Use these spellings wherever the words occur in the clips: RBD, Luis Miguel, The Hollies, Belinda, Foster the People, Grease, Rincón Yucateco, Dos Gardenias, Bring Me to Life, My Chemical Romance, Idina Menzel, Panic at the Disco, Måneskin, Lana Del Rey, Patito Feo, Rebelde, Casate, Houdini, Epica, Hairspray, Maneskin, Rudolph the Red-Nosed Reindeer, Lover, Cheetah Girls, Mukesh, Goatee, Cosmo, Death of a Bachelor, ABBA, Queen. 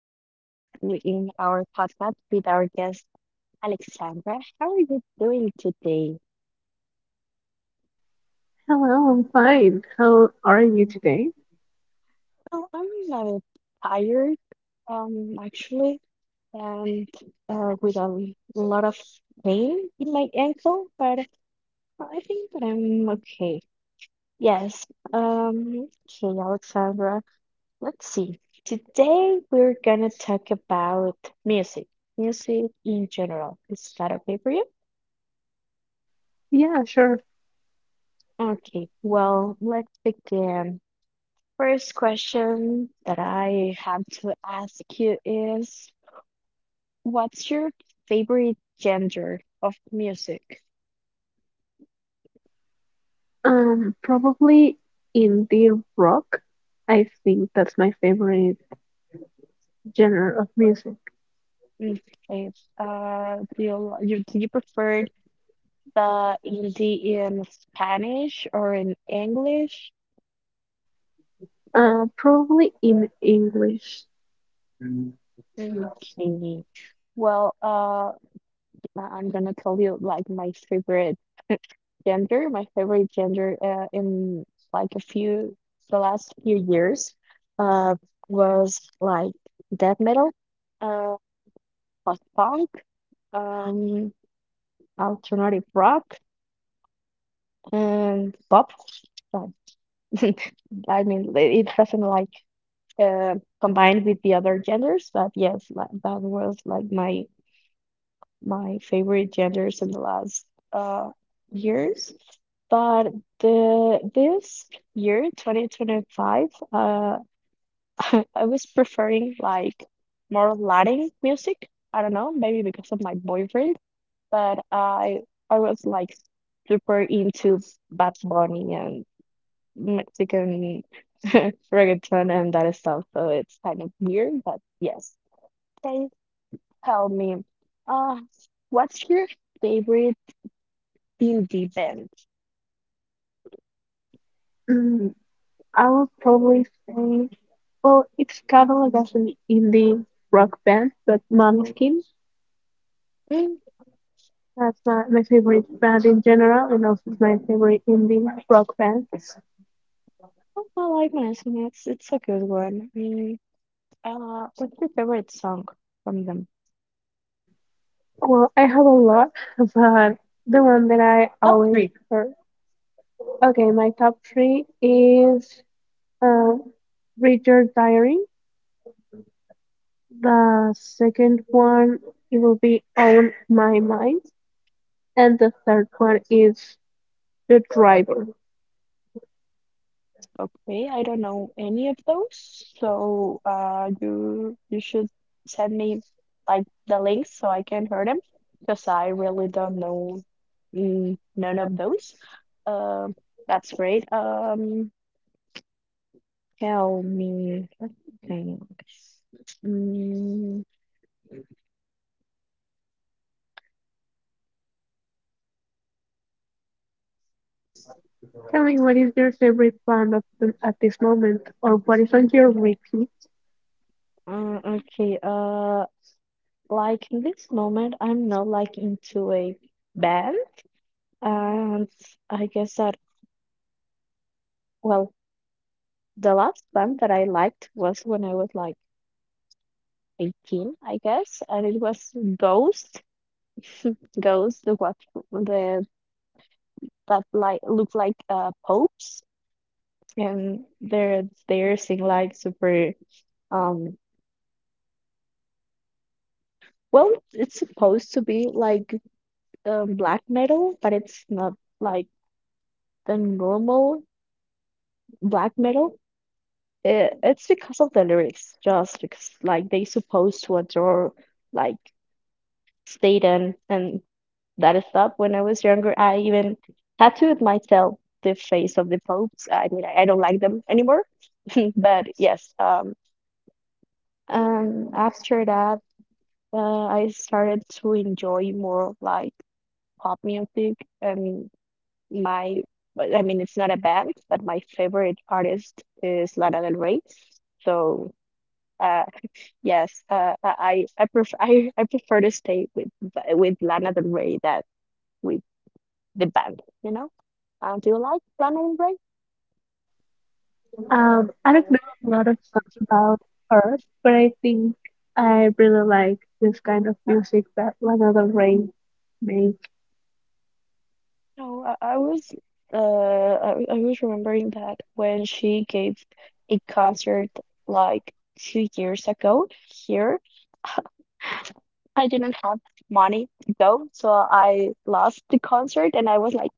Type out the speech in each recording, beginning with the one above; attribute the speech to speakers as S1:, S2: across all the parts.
S1: our past in our podcast with our guest Alexandra. How are you doing today?
S2: Hello, I'm fine. How are you today?
S1: Well, I'm a little tired, actually, and with a lot of pain in my ankle, but I think that I'm okay. Yes. Um, okay, Alexandra. Let's see. Today we're gonna talk about music, music in general. Is that okay for you?
S2: Yeah, sure.
S1: Okay, well, let's begin. First question that I have to ask you is, what's your favorite genre of music?
S2: Probably indie rock. I think that's my favorite genre of music.
S1: Okay. Do you prefer the indie in Spanish or in English?
S2: Probably in English.
S1: Okay, well, I'm gonna tell you like my favorite gender, my favorite gender in like a few the last few years, uh, was like death metal, uh, post-punk, um, alternative rock, and pop. So, I mean, li- it doesn't like uh, combined with the other genders, but yes, like, that was like my favorite genders in the last uh, years. But the this year, 2025, I was preferring like more Latin music. I don't know, maybe because of my boyfriend, but I was like super into Bad Bunny and Mexican reggaeton and that stuff. So it's kind of weird, but yes. Can tell me, uh, what's your favorite Beauty band.
S2: Mm, I would probably say, well, it's cataloged as an indie rock band, but Måneskin.
S1: Mm,
S2: That's my favorite band in general, and also my favorite indie rock band.
S1: oh, I like Maneskin. It's a good one. Mm, what's your favorite song from them?
S2: Well, I have a lot, but the one that I
S1: Top three.
S2: always heard. Okay, my top three is uh, Read Your Diary. The second one, it will be On My Mind. And the third one is The Driver.
S1: Okay, I don't know any of those, so you should send me like the links so I can hear them because I really don't know mm, none of those. Um, that's great. Tell me. Let me think. Mm,
S2: Tell me, what is your favorite band of the, at this moment, or what is on your repeat?
S1: okay. Like in this moment, I'm not like into a band, and I guess that well, the last band that I liked was when I was like 18, I guess, and it was Ghost. Ghost, the that like look like popes, and they sing like super um well, it's supposed to be like black metal, but it's not like the normal black metal. It's because of the lyrics, just because like they supposed to adore like Satan and that stuff. When I was younger, I even tattooed myself the face of the popes. I mean, I don't like them anymore, but yes. And after that, I started to enjoy more like pop music and my. I mean, it's not a band, but my favorite artist is Lana Del Rey. So. uh, Yes, I prefer to stay with b- with Lana Del Rey that with the band, you know? Do you like Lana Del Rey?
S2: I don't know a lot of songs about her, but I think I really like this kind of music that Lana Del Rey makes.
S1: No, I was I was remembering that when she gave a concert like 2 years ago here, I didn't have money to go, so I lost the concert and I was like,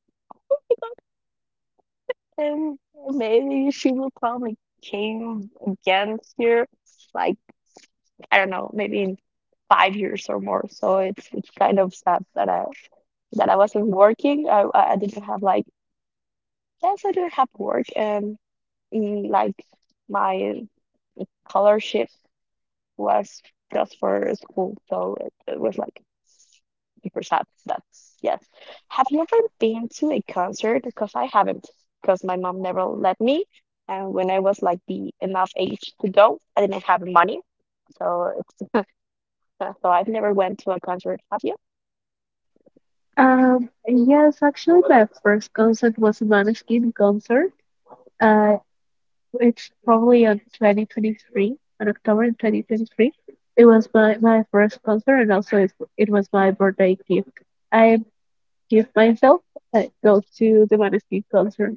S1: And maybe she will probably came again here, like I don't know, maybe in 5 years or more. So it's kind of sad that I wasn't working. I didn't have like yes, I didn't have work and mm, like my scholarship was just for school, so it was like super sad. That's yes. Have you ever been to a concert? Because I haven't, because my mom never let me. And when I was like the enough age to go, I didn't have money, so it's so I've never went to a concert. Have you?
S2: Uh, yes, actually, my first concert was a Måneskin concert. Uh, it's probably on 2023, on October 2023. It was my first concert, and also it was my birthday gift. I give myself go to the Måneskin concert.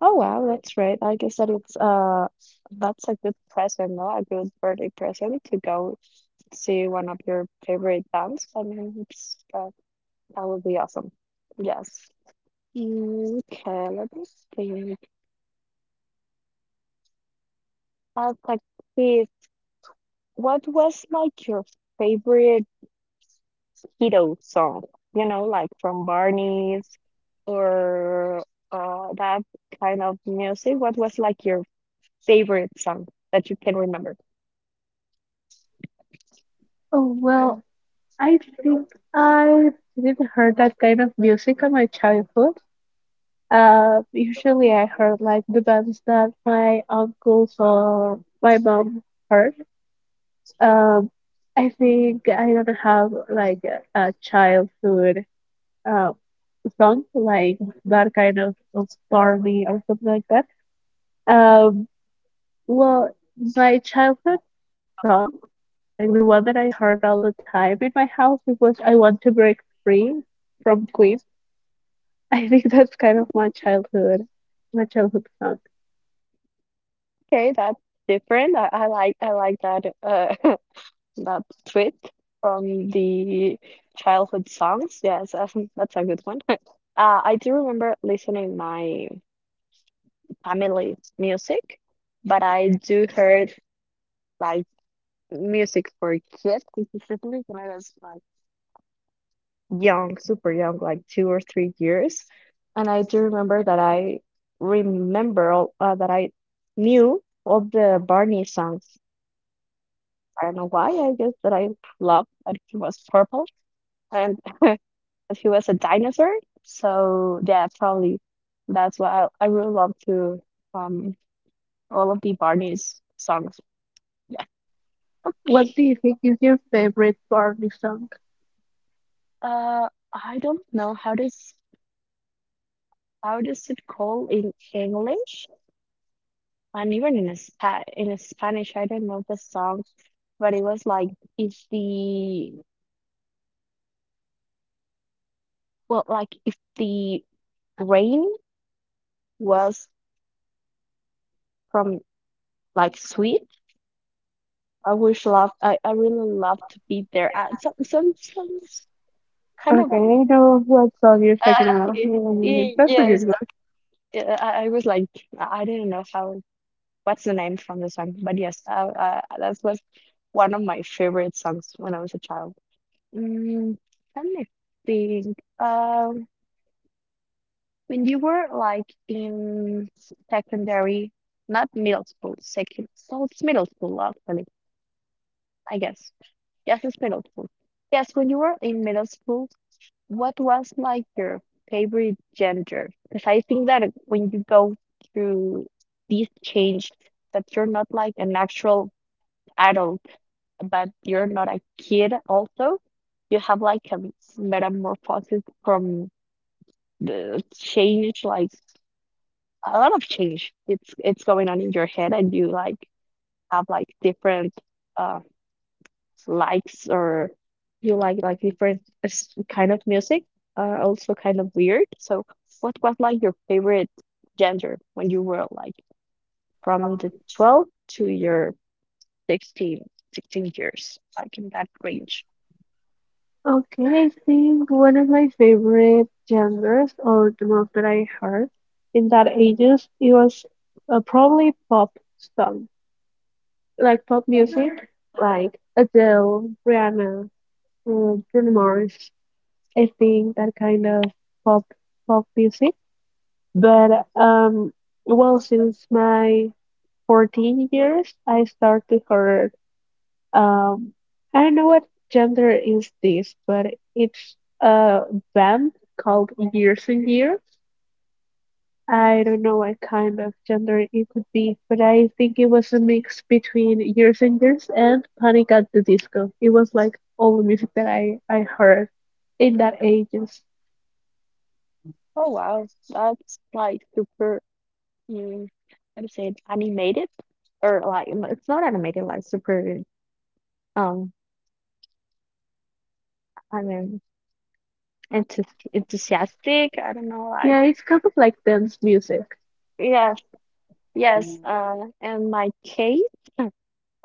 S1: Oh wow, that's right. I guess that it's that's a good present, no? A good birthday present to go see one of your favorite bands. I mean, it's that would be awesome. Yes. Okay, let me think. As a kid, what was like your favorite kiddo song? You know, like from Barney's or that kind of music. What was like your favorite song that you can remember?
S2: Oh, well, I think I didn't hear that kind of music in my childhood. Usually I heard like the bands that my uncles or my mom heard. Um, I think I don't have like a childhood uh, song like that kind of Barney or something like that. Um, well, my childhood song, like the one that I heard all the time in my house, it was "I Want to Break Free" from Queen. I think that's kind of my childhood song.
S1: Okay, that's different. I like I like that that tweet from the childhood songs. Yes, that's a good one. I do remember listening my family music, but I do heard like music for kids specifically when I was like young, super young, like 2 or 3 years. And I do remember that I remember all, that I knew all the Barney songs. I don't know why. I guess that I loved that he was purple and that he was a dinosaur. So yeah, probably that's why I really love to um all of the Barney's songs. Yeah.
S2: What do you think is your favorite Barney song?
S1: Uh, I don't know how does it call in English and even in a Spanish. I don't know the song, but it was like if the well, like if the rain was from like sweet, I wish love. I really love to be there. Kind of
S2: Okay, I know what song you're
S1: uh,
S2: talking about.
S1: y-
S2: Mm, that's a
S1: yes.
S2: good one.
S1: I was like I didn't know how what's the name from the song? But yes, that was one of my favorite songs when I was a child. Mm, let me think. When you were like in secondary, not middle school, second, so it's middle school actually, I guess. Yes, it's middle school. Yes, when you were in middle school, what was like your favorite gender? Because I think that when you go through this change, that you're not like an actual adult but you're not a kid also. You have like a metamorphosis from the change, like a lot of change. It's going on in your head and you like have like different uh likes or you like different s- kind of music are also kind of weird. So what was like your favorite gender when you were like from the 12 to your 16 16 years, like in that range?
S2: Okay, I think one of my favorite genres, or the most that I heard in that ages, it was probably pop song, like pop music, like Adele, Rihanna, Bruno Mars. I think that kind of pop pop music. But well, since my 14 years, I started to hear. Um, I don't know what gender is this, but it's a band called Years and Years. I don't know what kind of gender it could be, but I think it was a mix between Years and Years and Panic at the Disco. It was like all the music that I heard in that ages.
S1: Oh wow, that's like super. Mm, how to say it? Animated or like m- it's not animated, like super. Um, I mean, enthu- enthusiastic. I don't know, like
S2: Yeah, it's kind of like dance music.
S1: yeah, yes. In my case,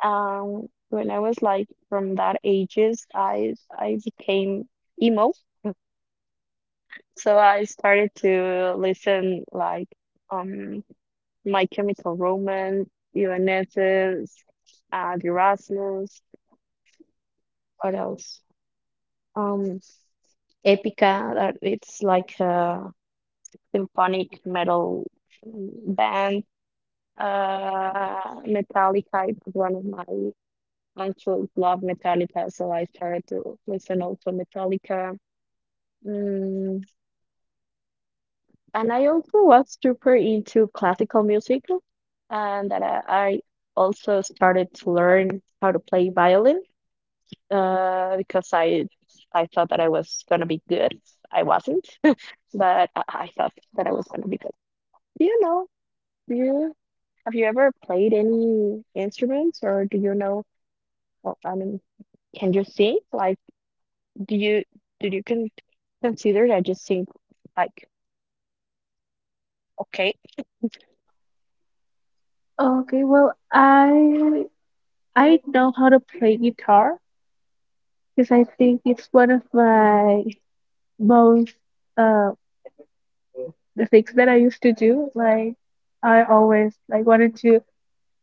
S1: when I was like from that ages, I became emo. So I started to listen like um My Chemical Romance, UNS's, the what else? Um, Epica, that it's like a symphonic metal band. Metallica is one of my uncles love Metallica, so I started to listen also Metallica. Mm, and I also was super into classical music, and that I also started to learn how to play violin, because I thought that I was gonna be good. I wasn't. But I thought that I was gonna be good. Do you know? Do you have you ever played any instruments, or do you know? Well, I mean, can you sing? Like, do you do you can consider that you sing like okay,
S2: Okay, well, I know how to play guitar because I think it's one of my most uh. the things that I used to do. Like I always like wanted to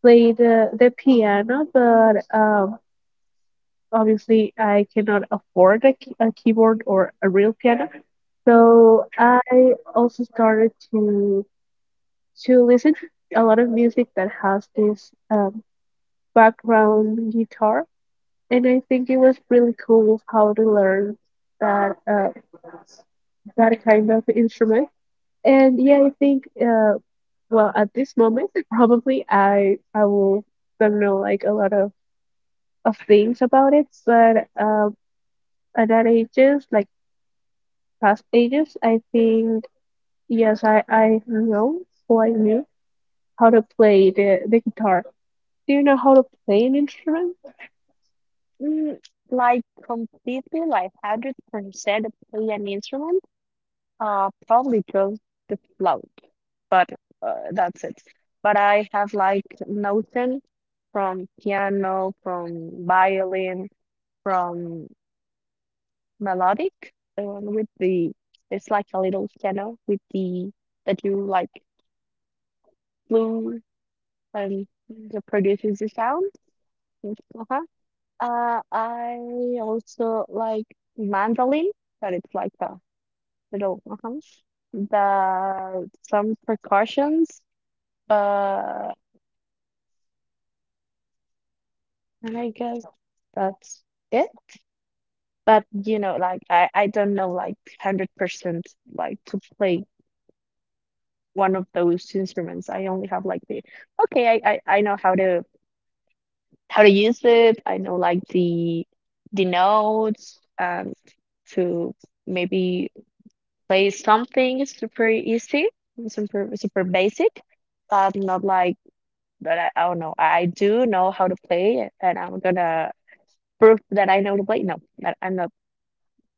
S2: play the piano, but obviously I cannot afford a keyboard or a real piano.
S1: Mhm.
S2: So I also started to listen a lot of music that has this background guitar, and I think it was really cool how to learn that uh, that kind of instrument. And yeah, I think well, at this moment, probably I will don't know like a lot of things about it, but at that ages, like past ages, I think yes, I know or I knew how to play the guitar. Do you know how to play an instrument?
S1: Mm, like completely like 100% play an instrument? Probably just the flute, but that's it. But I have like notion from piano, from violin, from melodic, the one with the it's like a little piano with the that you like blue and that produces the sound. Uh-huh. I also like mandolin, but it's like a little uh-huh. The some percussions, but and I guess that's it. But you know, like I don't know like 100% like to play one of those instruments. I only have like the okay, I know how to use it. I know like the notes and to maybe play something super easy, super super basic, but not like but I don't know. I do know how to play it, and I'm gonna prove that I know how to play. No, that I'm not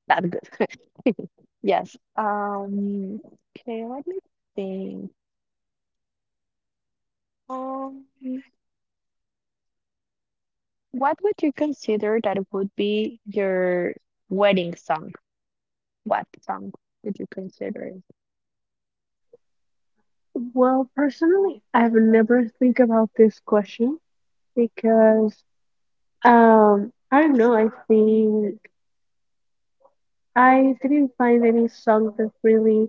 S1: that good. Yes. Okay, let me think. Um What would you consider that would be your wedding song? What song would you consider it?
S2: Well, personally, I've never think about this question because I don't know, I think I didn't find any song that really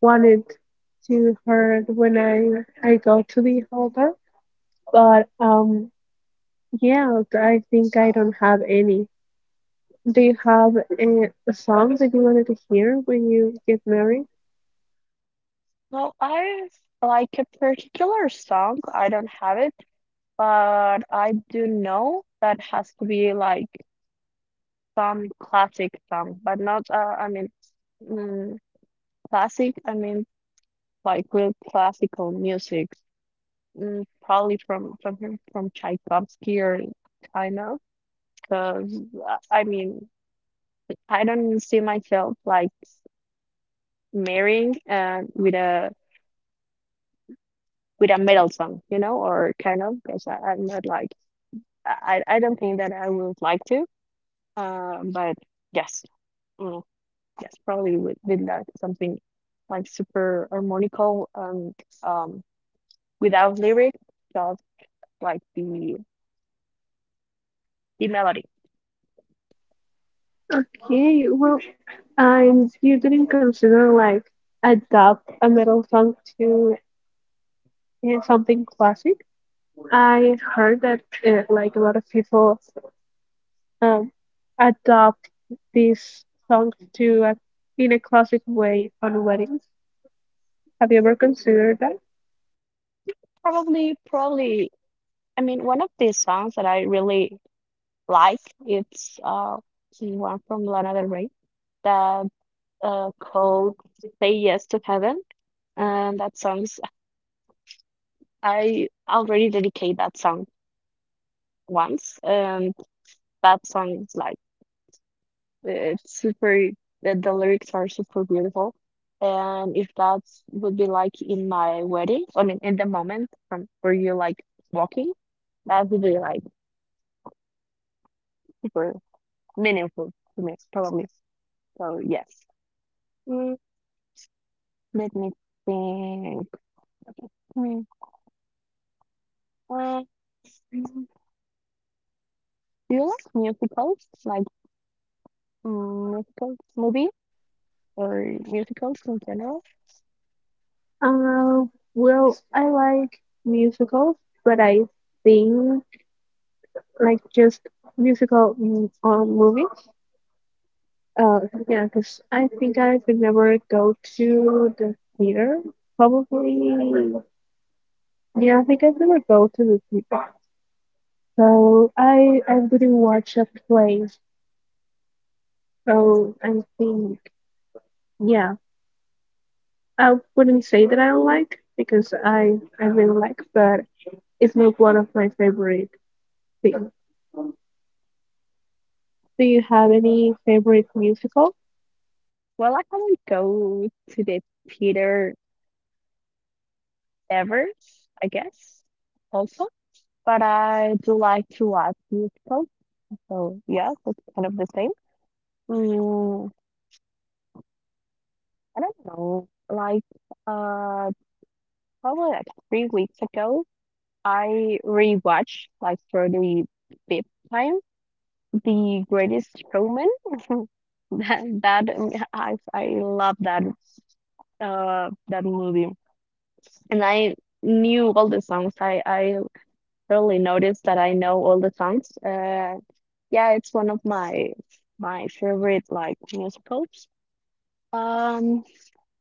S2: wanted to hear when I go to the altar. But yeah, I think I don't have any. Do you have a song that you wanted to hear when you get married?
S1: Well, I like a particular song. I don't have it, but I do know that has to be like some classic song, but not, I mean, mm, classic, I mean, like real classical music, mm, probably from Tchaikovsky or China, because, I mean, I don't see myself like marrying with a metal song, you know, or kind of because I'm not like I don't think that I would like to. But yes, mm, yes, probably with that something like super harmonical and um without lyric, just like the melody.
S2: Okay, well, and you didn't consider like adapt a metal song to something classic. I heard that like a lot of people um, adopt these songs to in a classic way on weddings. Have you ever considered that?
S1: Probably, probably. I mean, one of the songs that I really like it's one from Lana Del Rey that called Say Yes to Heaven. And that song's, I already dedicate that song once. That song is like, it's super, the lyrics are super beautiful. And if that would be like in my wedding, I mean, in the moment from where you're like walking, that would be like super meaningful to me, probably. So, yes. Mm, let me think. Hmm, uh, Do you like musicals? Musical movie or musicals in general?
S2: Uh, well, I like musicals, but I think like just or movies. Uh, yeah, because I think I could never go to the theater. Probably, yeah, I think I'd never go to the theater. So I wouldn't watch a play. So I think, yeah, I wouldn't say that I don't like because I really like, but it's not one of my favorite. Wait, do you have any favorite musical?
S1: Well, I haven't go to the theater ever, I guess, also, but I do like to watch musicals. So yeah, that's kind of the same. Mm, I don't know. Like uh probably like three weeks ago, I rewatched like for the fifth time The Greatest Showman. That, that I love that movie, and I knew all the songs. I really noticed that I know all the songs. Yeah, it's one of my favorite like musicals. Um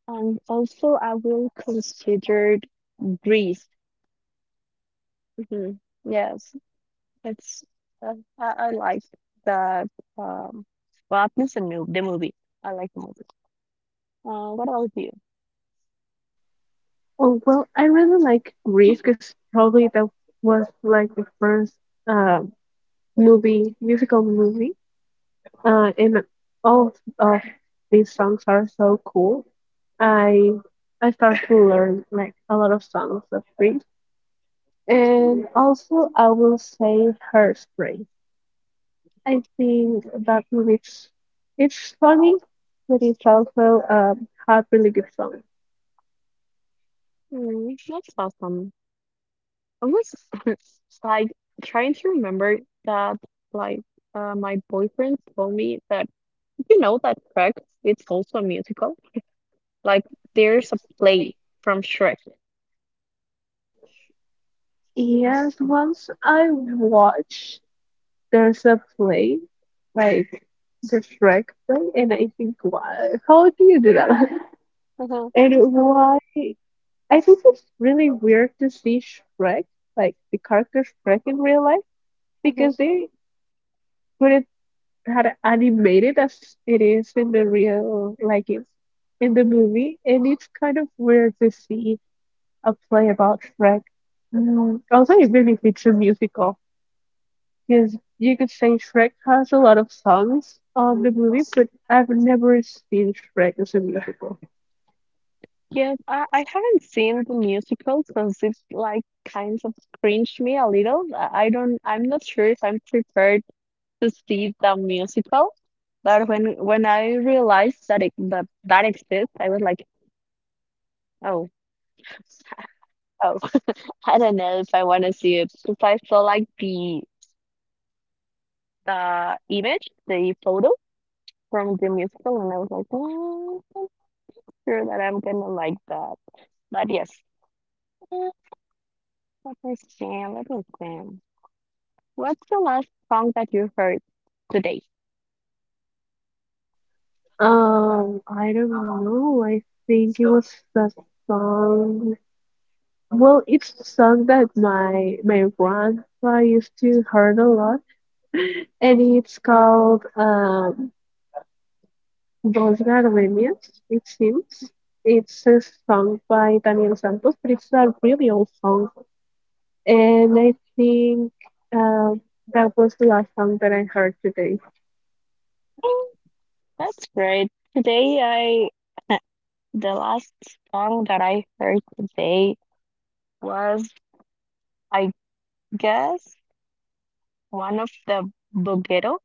S1: and also I will consider Grease. hmm Yes, it's I like that um well, at least the movie. I like the movie. Uh, what about you?
S2: Oh, well, I really like Grease because probably that was like the first uh, movie, musical movie. And all of these songs are so cool. I I start to learn like a lot of songs of Grease. And also I will say Hairspray. I think that movie it's funny, but it's also had really good songs.
S1: Mm, that's awesome. I was like trying to remember that, like my boyfriend told me that you know that Shrek it's also a musical. Like there's a play from Shrek.
S2: Yes, once I watched there's a play, like the Shrek play, and I think, why? How do you do that?
S1: Uh-huh,
S2: And why? I think it's really weird to see Shrek, like the character Shrek in real life,
S1: uh-huh.
S2: because they couldn't had animated as it is in the real, in the movie, and it's kind of weird to see a play about Shrek. Mm, also, even if it's a musical. Because you could say Shrek has a lot of songs on the movie, but I've never seen Shrek as a musical.
S1: Yes, I haven't seen the musical because it like kind of cringed me a little. I'm not sure if I'm prepared to see the musical. But when I realized that that exists, I was like, oh. Oh, I don't know if I want to see it because I saw like the image, the photo from the musical, and I was like, "Mm, not sure that I'm gonna like that." But yes. Uh, Let me see. Let me see. What's the last song that you heard today?
S2: I don't know. I think it was the song. Well, it's the song that my grandpa used to heard a lot, and it's called Dos Gardenias. It seems it's a song by Daniel Santos, but it's a really old song. And I think um, that was the last song that I heard today.
S1: Mm, that's great. Today, I the last song that I heard today was, I guess, one of the Boguero.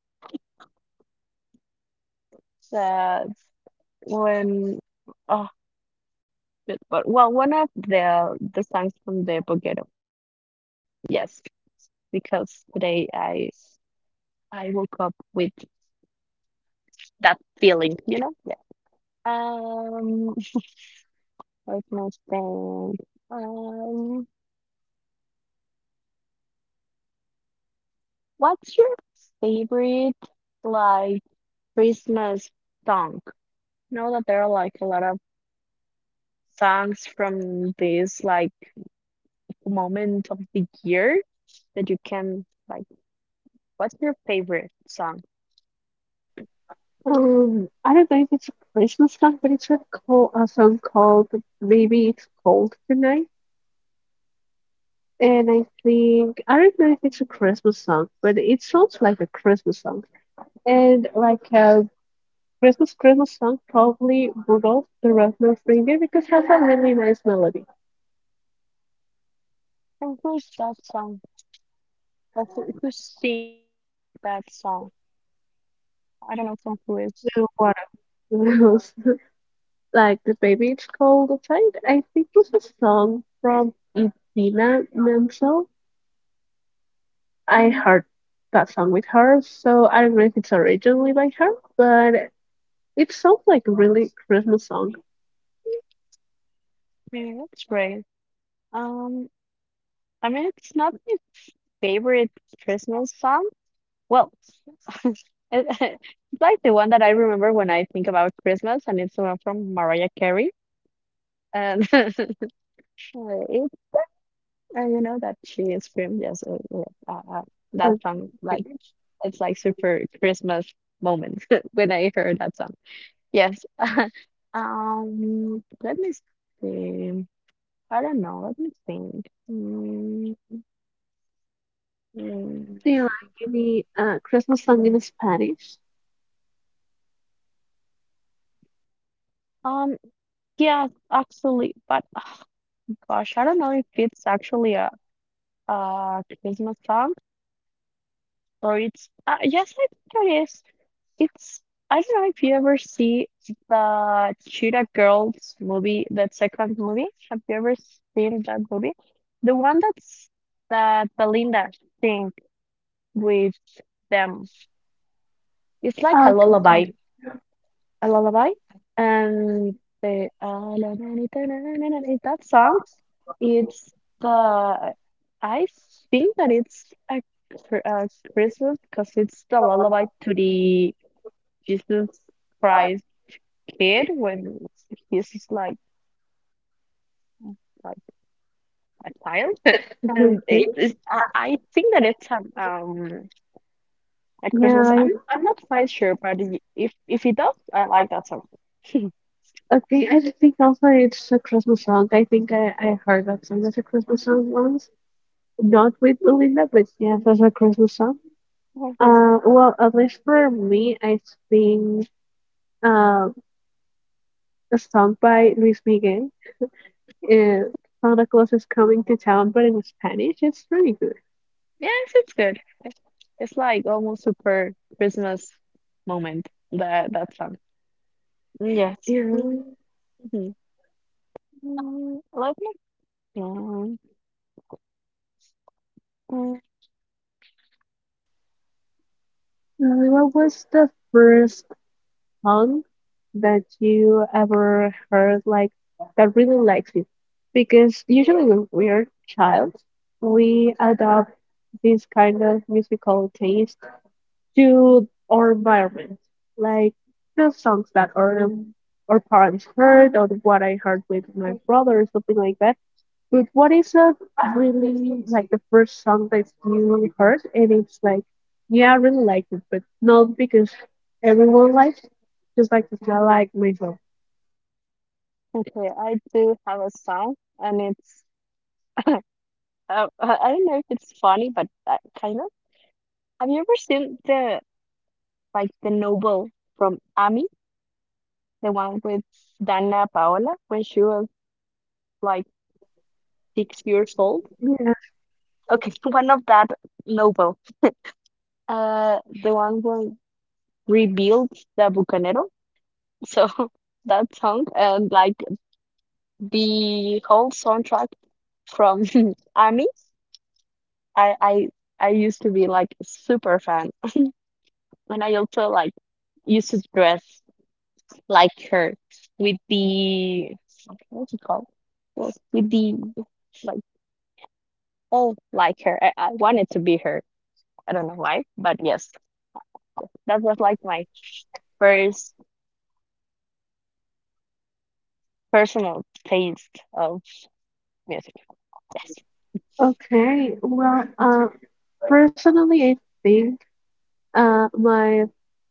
S1: Uh, when. Oh, Good But Well, one of the songs from the Boguero. Yes, because today I woke up with that feeling, you know? Yeah. Um, what's my thing? Um, what's your favorite like Christmas song? I know that there are like a lot of songs from this like moment of the year that you can like. What's your favorite song?
S2: I don't know if it's a Christmas song, but it's a song called Maybe It's Cold Tonight. And I think, I don't know if it's a Christmas song, but it sounds like a Christmas song. And like a Christmas song, probably Rudolph the Red-Nosed Reindeer, because it has a really nice melody.
S1: And who's that song? Of who sing that song? I don't know from who is.
S2: What else? Like the baby it's called outside. I think it's a song from Idina Menzel. I heard that song with her, so I don't know if it's originally by her, but it sounds like a really Christmas song.
S1: Yeah, that's great. Um, I mean, it's not my favorite Christmas song. Well, it- it's like the one that I remember when I think about Christmas, and it's the one from Mariah Carey. And it, you know that she is from yes,
S2: Oh,
S1: that song. Like
S2: okay.
S1: it's like super Christmas moment when I heard that song. Yes. Let me see. I don't know. Let me think. Mm.
S2: Do you like any Christmas song in Spanish?
S1: Um, Yeah, actually, but oh, gosh, I don't know if it's actually a Christmas song, or it's yes, I think it is. It's I don't know if you ever see the Cheetah Girls movie, that second movie. Have you ever seen that movie? The one that's that Belinda sing with them. It's like a
S2: Oh, okay.
S1: lullaby. A lullaby, and the that song, it's the I think that it's a Christmas because it's the lullaby to the Jesus Christ kid when he's just like a child, and it
S2: Okay.
S1: is. I think that it's at
S2: Yeah,
S1: Christmas.
S2: I.
S1: I'm not quite sure, but if it does, I like that song.
S2: Okay, I think also it's a Christmas song. I think I heard that song as a Christmas song once. Not with Belinda, but yeah, that's across the song. Well, at least for me, it's been uh, a song by Luis Miguel. Uh, Santa Claus is coming to town, but in Spanish, it's pretty good.
S1: Yes, it's good. It's it's like almost super Christmas moment. That that song. Yes.
S2: Yeah.
S1: Mhm. Let me think. Mm,
S2: What was the first song that you ever heard, like that really likes you? Because usually when we're child, we adopt this kind of musical taste to our environment. Like the songs that our parents heard or what I heard with my brother or something like that. But what is a really like the first song that you heard and it's like, yeah, I really like it, but not because everyone likes it, just like because I like myself.
S1: Okay, I do have a song, and it's uh, I don't know if it's funny, but kind of. Have you ever seen the like the novel from Ami, the one with Dana Paola when she was like six years old?
S2: Yes.
S1: Okay, one of that novel. The one where rebuilt the Bucanero. So that song and like the whole soundtrack from Army, I I I used to be like super fan, and I also like used to dress like her with the what's it called? Well, with the like all like her. I wanted to be her. I don't know why, but yes, that was like my first personal taste of music. Yes.
S2: Okay. Personally, I think my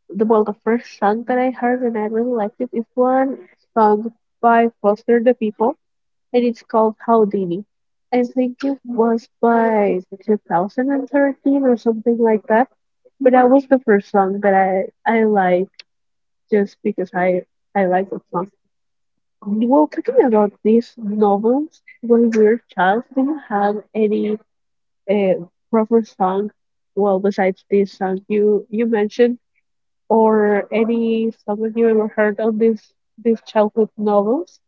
S2: the well the first song that I heard and I really liked it is one song by Foster the People and it's called Houdini. I think it was by 2013 or something like that. But that was the first song that I liked just because I like the song. Well, talking about these novels, when we were child, do you have any uh, proper song? Well, besides this song you mentioned or any song that you ever heard on these childhood novels?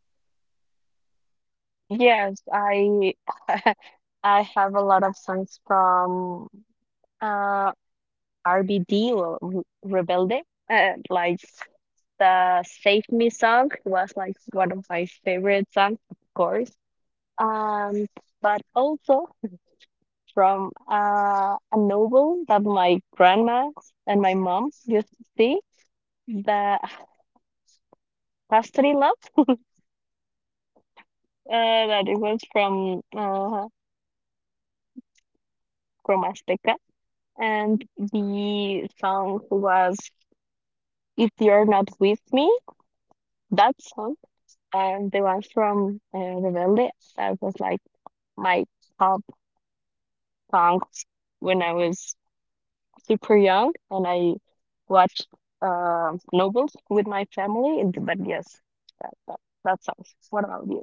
S1: Yes, I I have a lot of songs from uh RBD or Rebelde. Like the Save Me song was like one of my favorite songs, of course. Um, but also from a novel that my grandma and my mom used to see, the Pastry Love, uh, that it was from Azteca, and the song was If You're Not With Me. That song and the one from Rebelde, that was like my top songs when I was super young and I watched Nobles with my family. But yes, that song. What about you?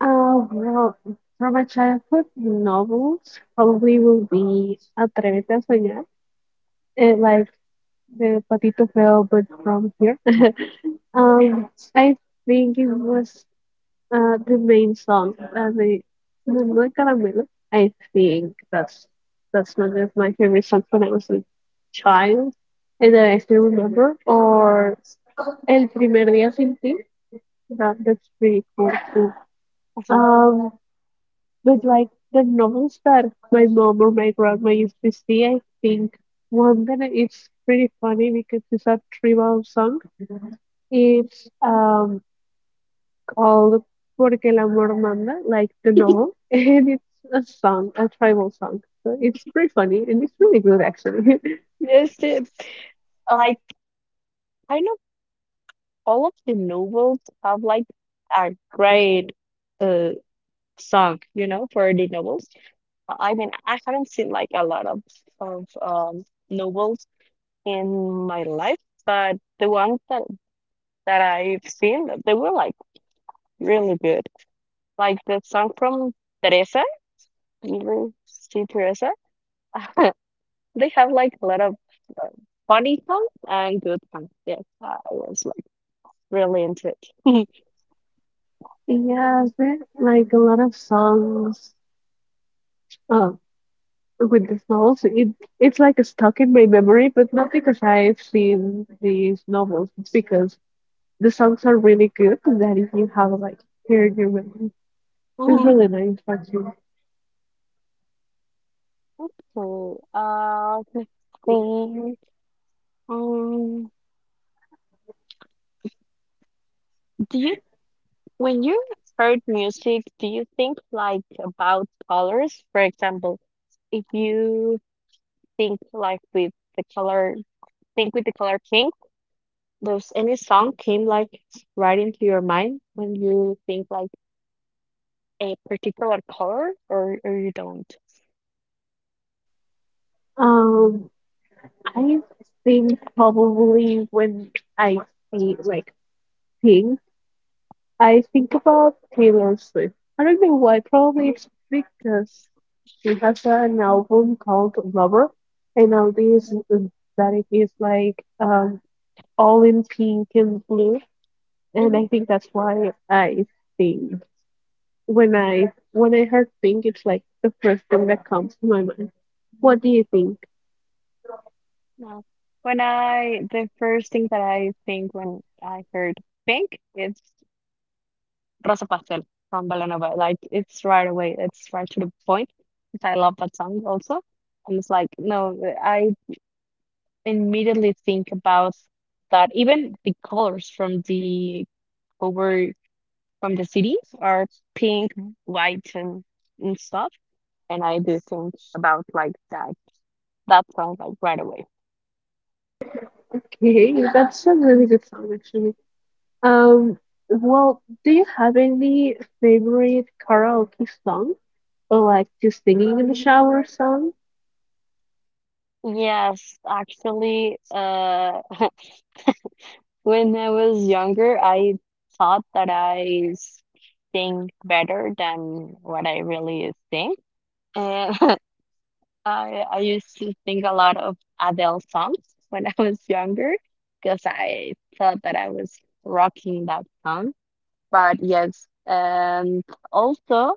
S2: Well, from my childhood novels, probably will be Atrévete a Soñar, and like the Patito Feo, but from here. Um, I think it was. The main song, I mean, Mumbai Karamelo. I think that's one of my favorite songs when I was a child, and that I still remember. Or El Primer Día Sin Ti. That's pretty cool too.
S1: Uh-huh.
S2: Um, but like the novels that my mom or my grandma used to see, I think one that it's pretty funny because it's a tribal song. It's. All Porque el amor manda, like the novel, and it's a song, a tribal song. So it's pretty funny and it's really good actually.
S1: Yes, it, like kind of all of the novels have like a great uh song, you know, for the novels. I mean, I haven't seen like a lot of of um, novels in my life, but the ones that that I've seen, they were like really good. Like the song from Teresa, you ever see Teresa? They have like a lot of uh, funny songs and good songs. Yes, I was like really into it.
S2: Yeah, there like a lot of songs uh, with this novel. So it's like stuck in my memory, but not because I've seen these novels. It's because the songs are really good that if you have like heard your memory. It's
S1: Mhm.
S2: really nice actually.
S1: Okay. Let's see. Um, do you When you heard music, do you think like about colors? For example, if you think like with the color, think with the color pink, does any song came like right into your mind when you think like a particular color, or you don't?
S2: Um, I think probably when I see like things I think about Taylor Swift. I don't know why. Probably it's because she has an album called Lover, and all this
S1: Mhm.
S2: that it is like all in pink and blue, and I
S1: Mhm.
S2: think that's why I think when I heard pink, it's like the first thing that comes to my mind. What do you think?
S1: No. When I, the first thing that I think when I heard pink, it's Rosa Pastel from Belanova. Like it's right away. It's right to the point, 'cause I love that song also. And it's like, no, I immediately think about that. Even the colors from the over from the cities are pink, white, and stuff. And I do think about like that that song like right away.
S2: Okay, that's a really good song actually. Um, well, do you have any favorite karaoke song, or like the singing in the shower song,
S1: Yes, actually, when I was younger, I thought that I think better than what I really think. And I used to sing a lot of Adele songs when I was younger because I thought that I was rocking that song. But yes, and also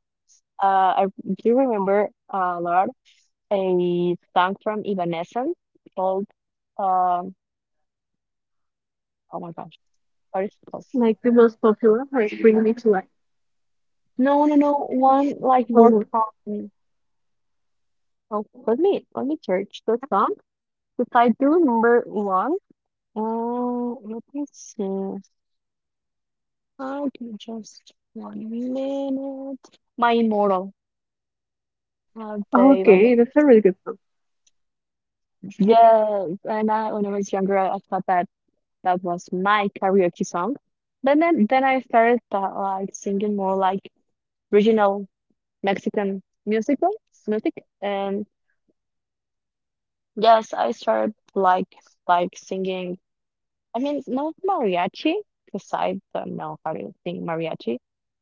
S1: I do remember a lot a song from Evanescence called um oh my gosh, what is it called?
S2: like the most popular, like Bring Me to Life?
S1: No, no, no. One like
S2: Oh,
S1: more
S2: no.
S1: common. Oh, let me search the song because I do remember one. Let me see. Give me just one minute. My Immortal.
S2: Oh,
S1: They went.
S2: okay, that's a really good one.
S1: Yes, and I, when I was younger, I thought that that was my karaoke song. Then I started like singing more like regional Mexican musical music, and yes, I started like singing. I mean, no mariachi, because I don't know how to sing mariachi,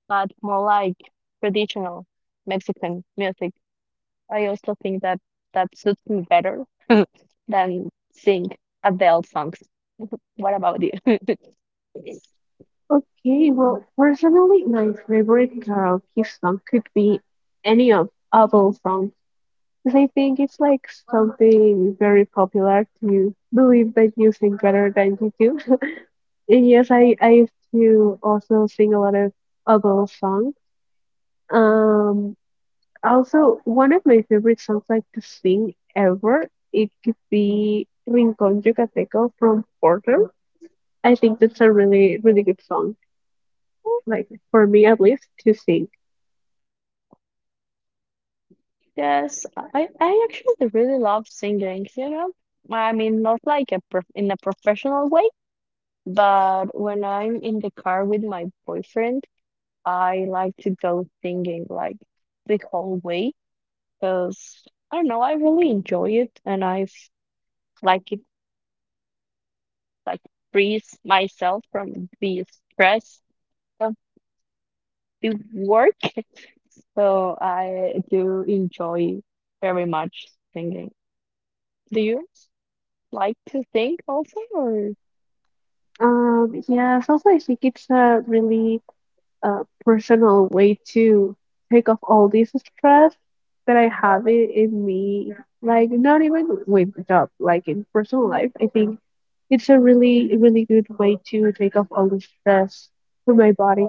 S1: but more like traditional Mexican music. I also think that that suits me better than sing Adele songs. What about you?
S2: Personally, my favorite karaoke song could be any of ABBA songs, because I think it's like something very popular to believe that you sing better than you do. And yes, I used to also sing a lot of ABBA songs. Um, Also, one of my favorite songs like to sing ever, it could be Rincón Yucateco from Porter. I think that's a really, really good song, like for me at least, to sing.
S1: Yes, I actually really love singing, you know. I mean, not like a prof in a professional way, but when I'm in the car with my boyfriend, I like to go singing like the whole way because I don't know, I really enjoy it and like it like frees myself from the stress of the work. So I do enjoy very much singing. Do you like to sing also, or?
S2: Yes, also I think it's a really personal way to take off all this stress that I have in me, like not even with the job, like in personal life. I think it's a really, really good way to take off all the stress from my body.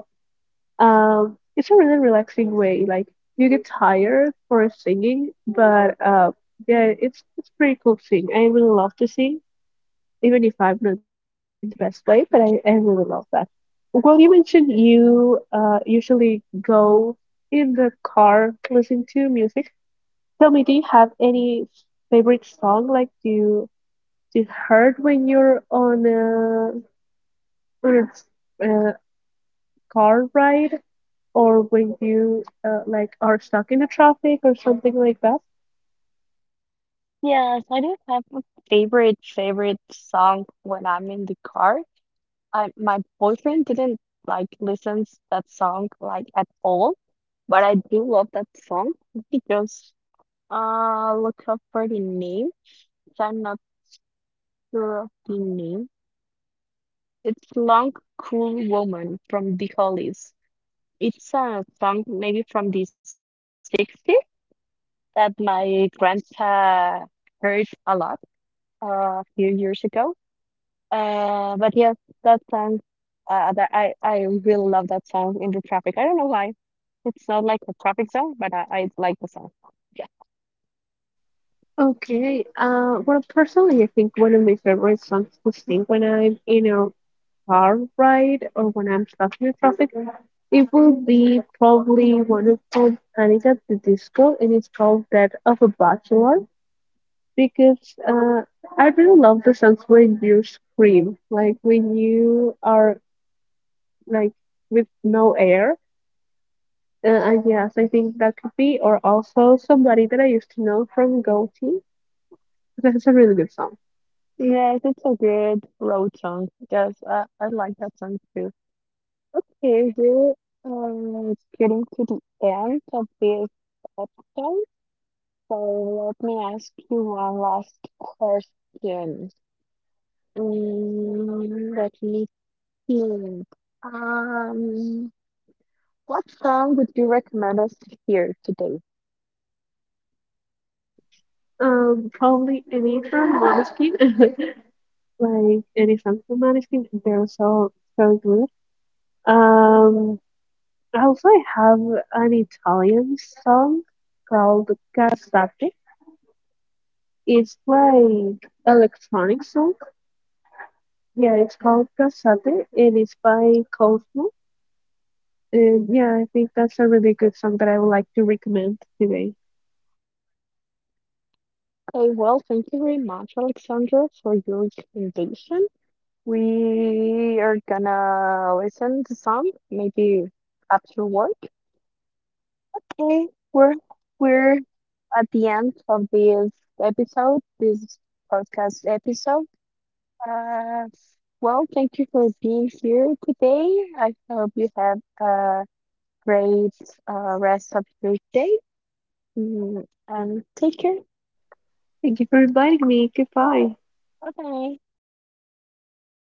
S2: It's a really relaxing way. Like you get tired for singing, but yeah, it's pretty cool thing. I really love to sing, even if I'm not doing it in the best way. But I really love that. Well, you mentioned you usually go in the car listening to music. Tell me, do you have any favorite song like you heard when you're on a car ride, or when you like are stuck in the traffic or something like that?
S1: Yes, I do have a favorite favorite song when I'm in the car. I my boyfriend didn't like listens that song like at all, but I do love that song. Let me just look up for the name, 'cause I'm not sure of the name. It's Long Cool Woman from The Hollies. It's a song maybe from the 60s that my grandpa heard a lot a few years ago. But yes, that song, that I really love that song in the traffic. I don't know why. It's not like a traffic song, but I like the song. Yeah.
S2: Okay. Personally, I think one of my favorite songs to sing when I'm in a car ride or when I'm stuck in the traffic, it will be probably one of called Panic at the Disco, and it's called "Death of a Bachelor" because uh, I really love the songs when you scream, like when you are like with no air. And yes, I think that could be, or also somebody that I used to know from Goatee. That's a really good song.
S1: Yes, it's a good road song. Yes, I like that song too. Okay, we're getting to the end of this episode. So let me ask you one last question. Let me think. Um, what song would you recommend us to hear today?
S2: Probably any from Måneskin, like any song from Måneskin. They're so good. Um, also I have an Italian song called Casate. It's like electronic song. Yeah, it's called Casate, and it's by Cosmo. And yeah, I think that's a really good song that I would like to recommend today.
S1: Okay, well, thank you very much, Alexandra, for your recommendation. We are gonna listen to some, maybe after work. Okay, we're we're at the end of this episode, this podcast episode. Uh, well, thank you for being here today. I hope you have a great rest of your day, and take care.
S2: Thank you for inviting me. Goodbye.
S1: Bye bye.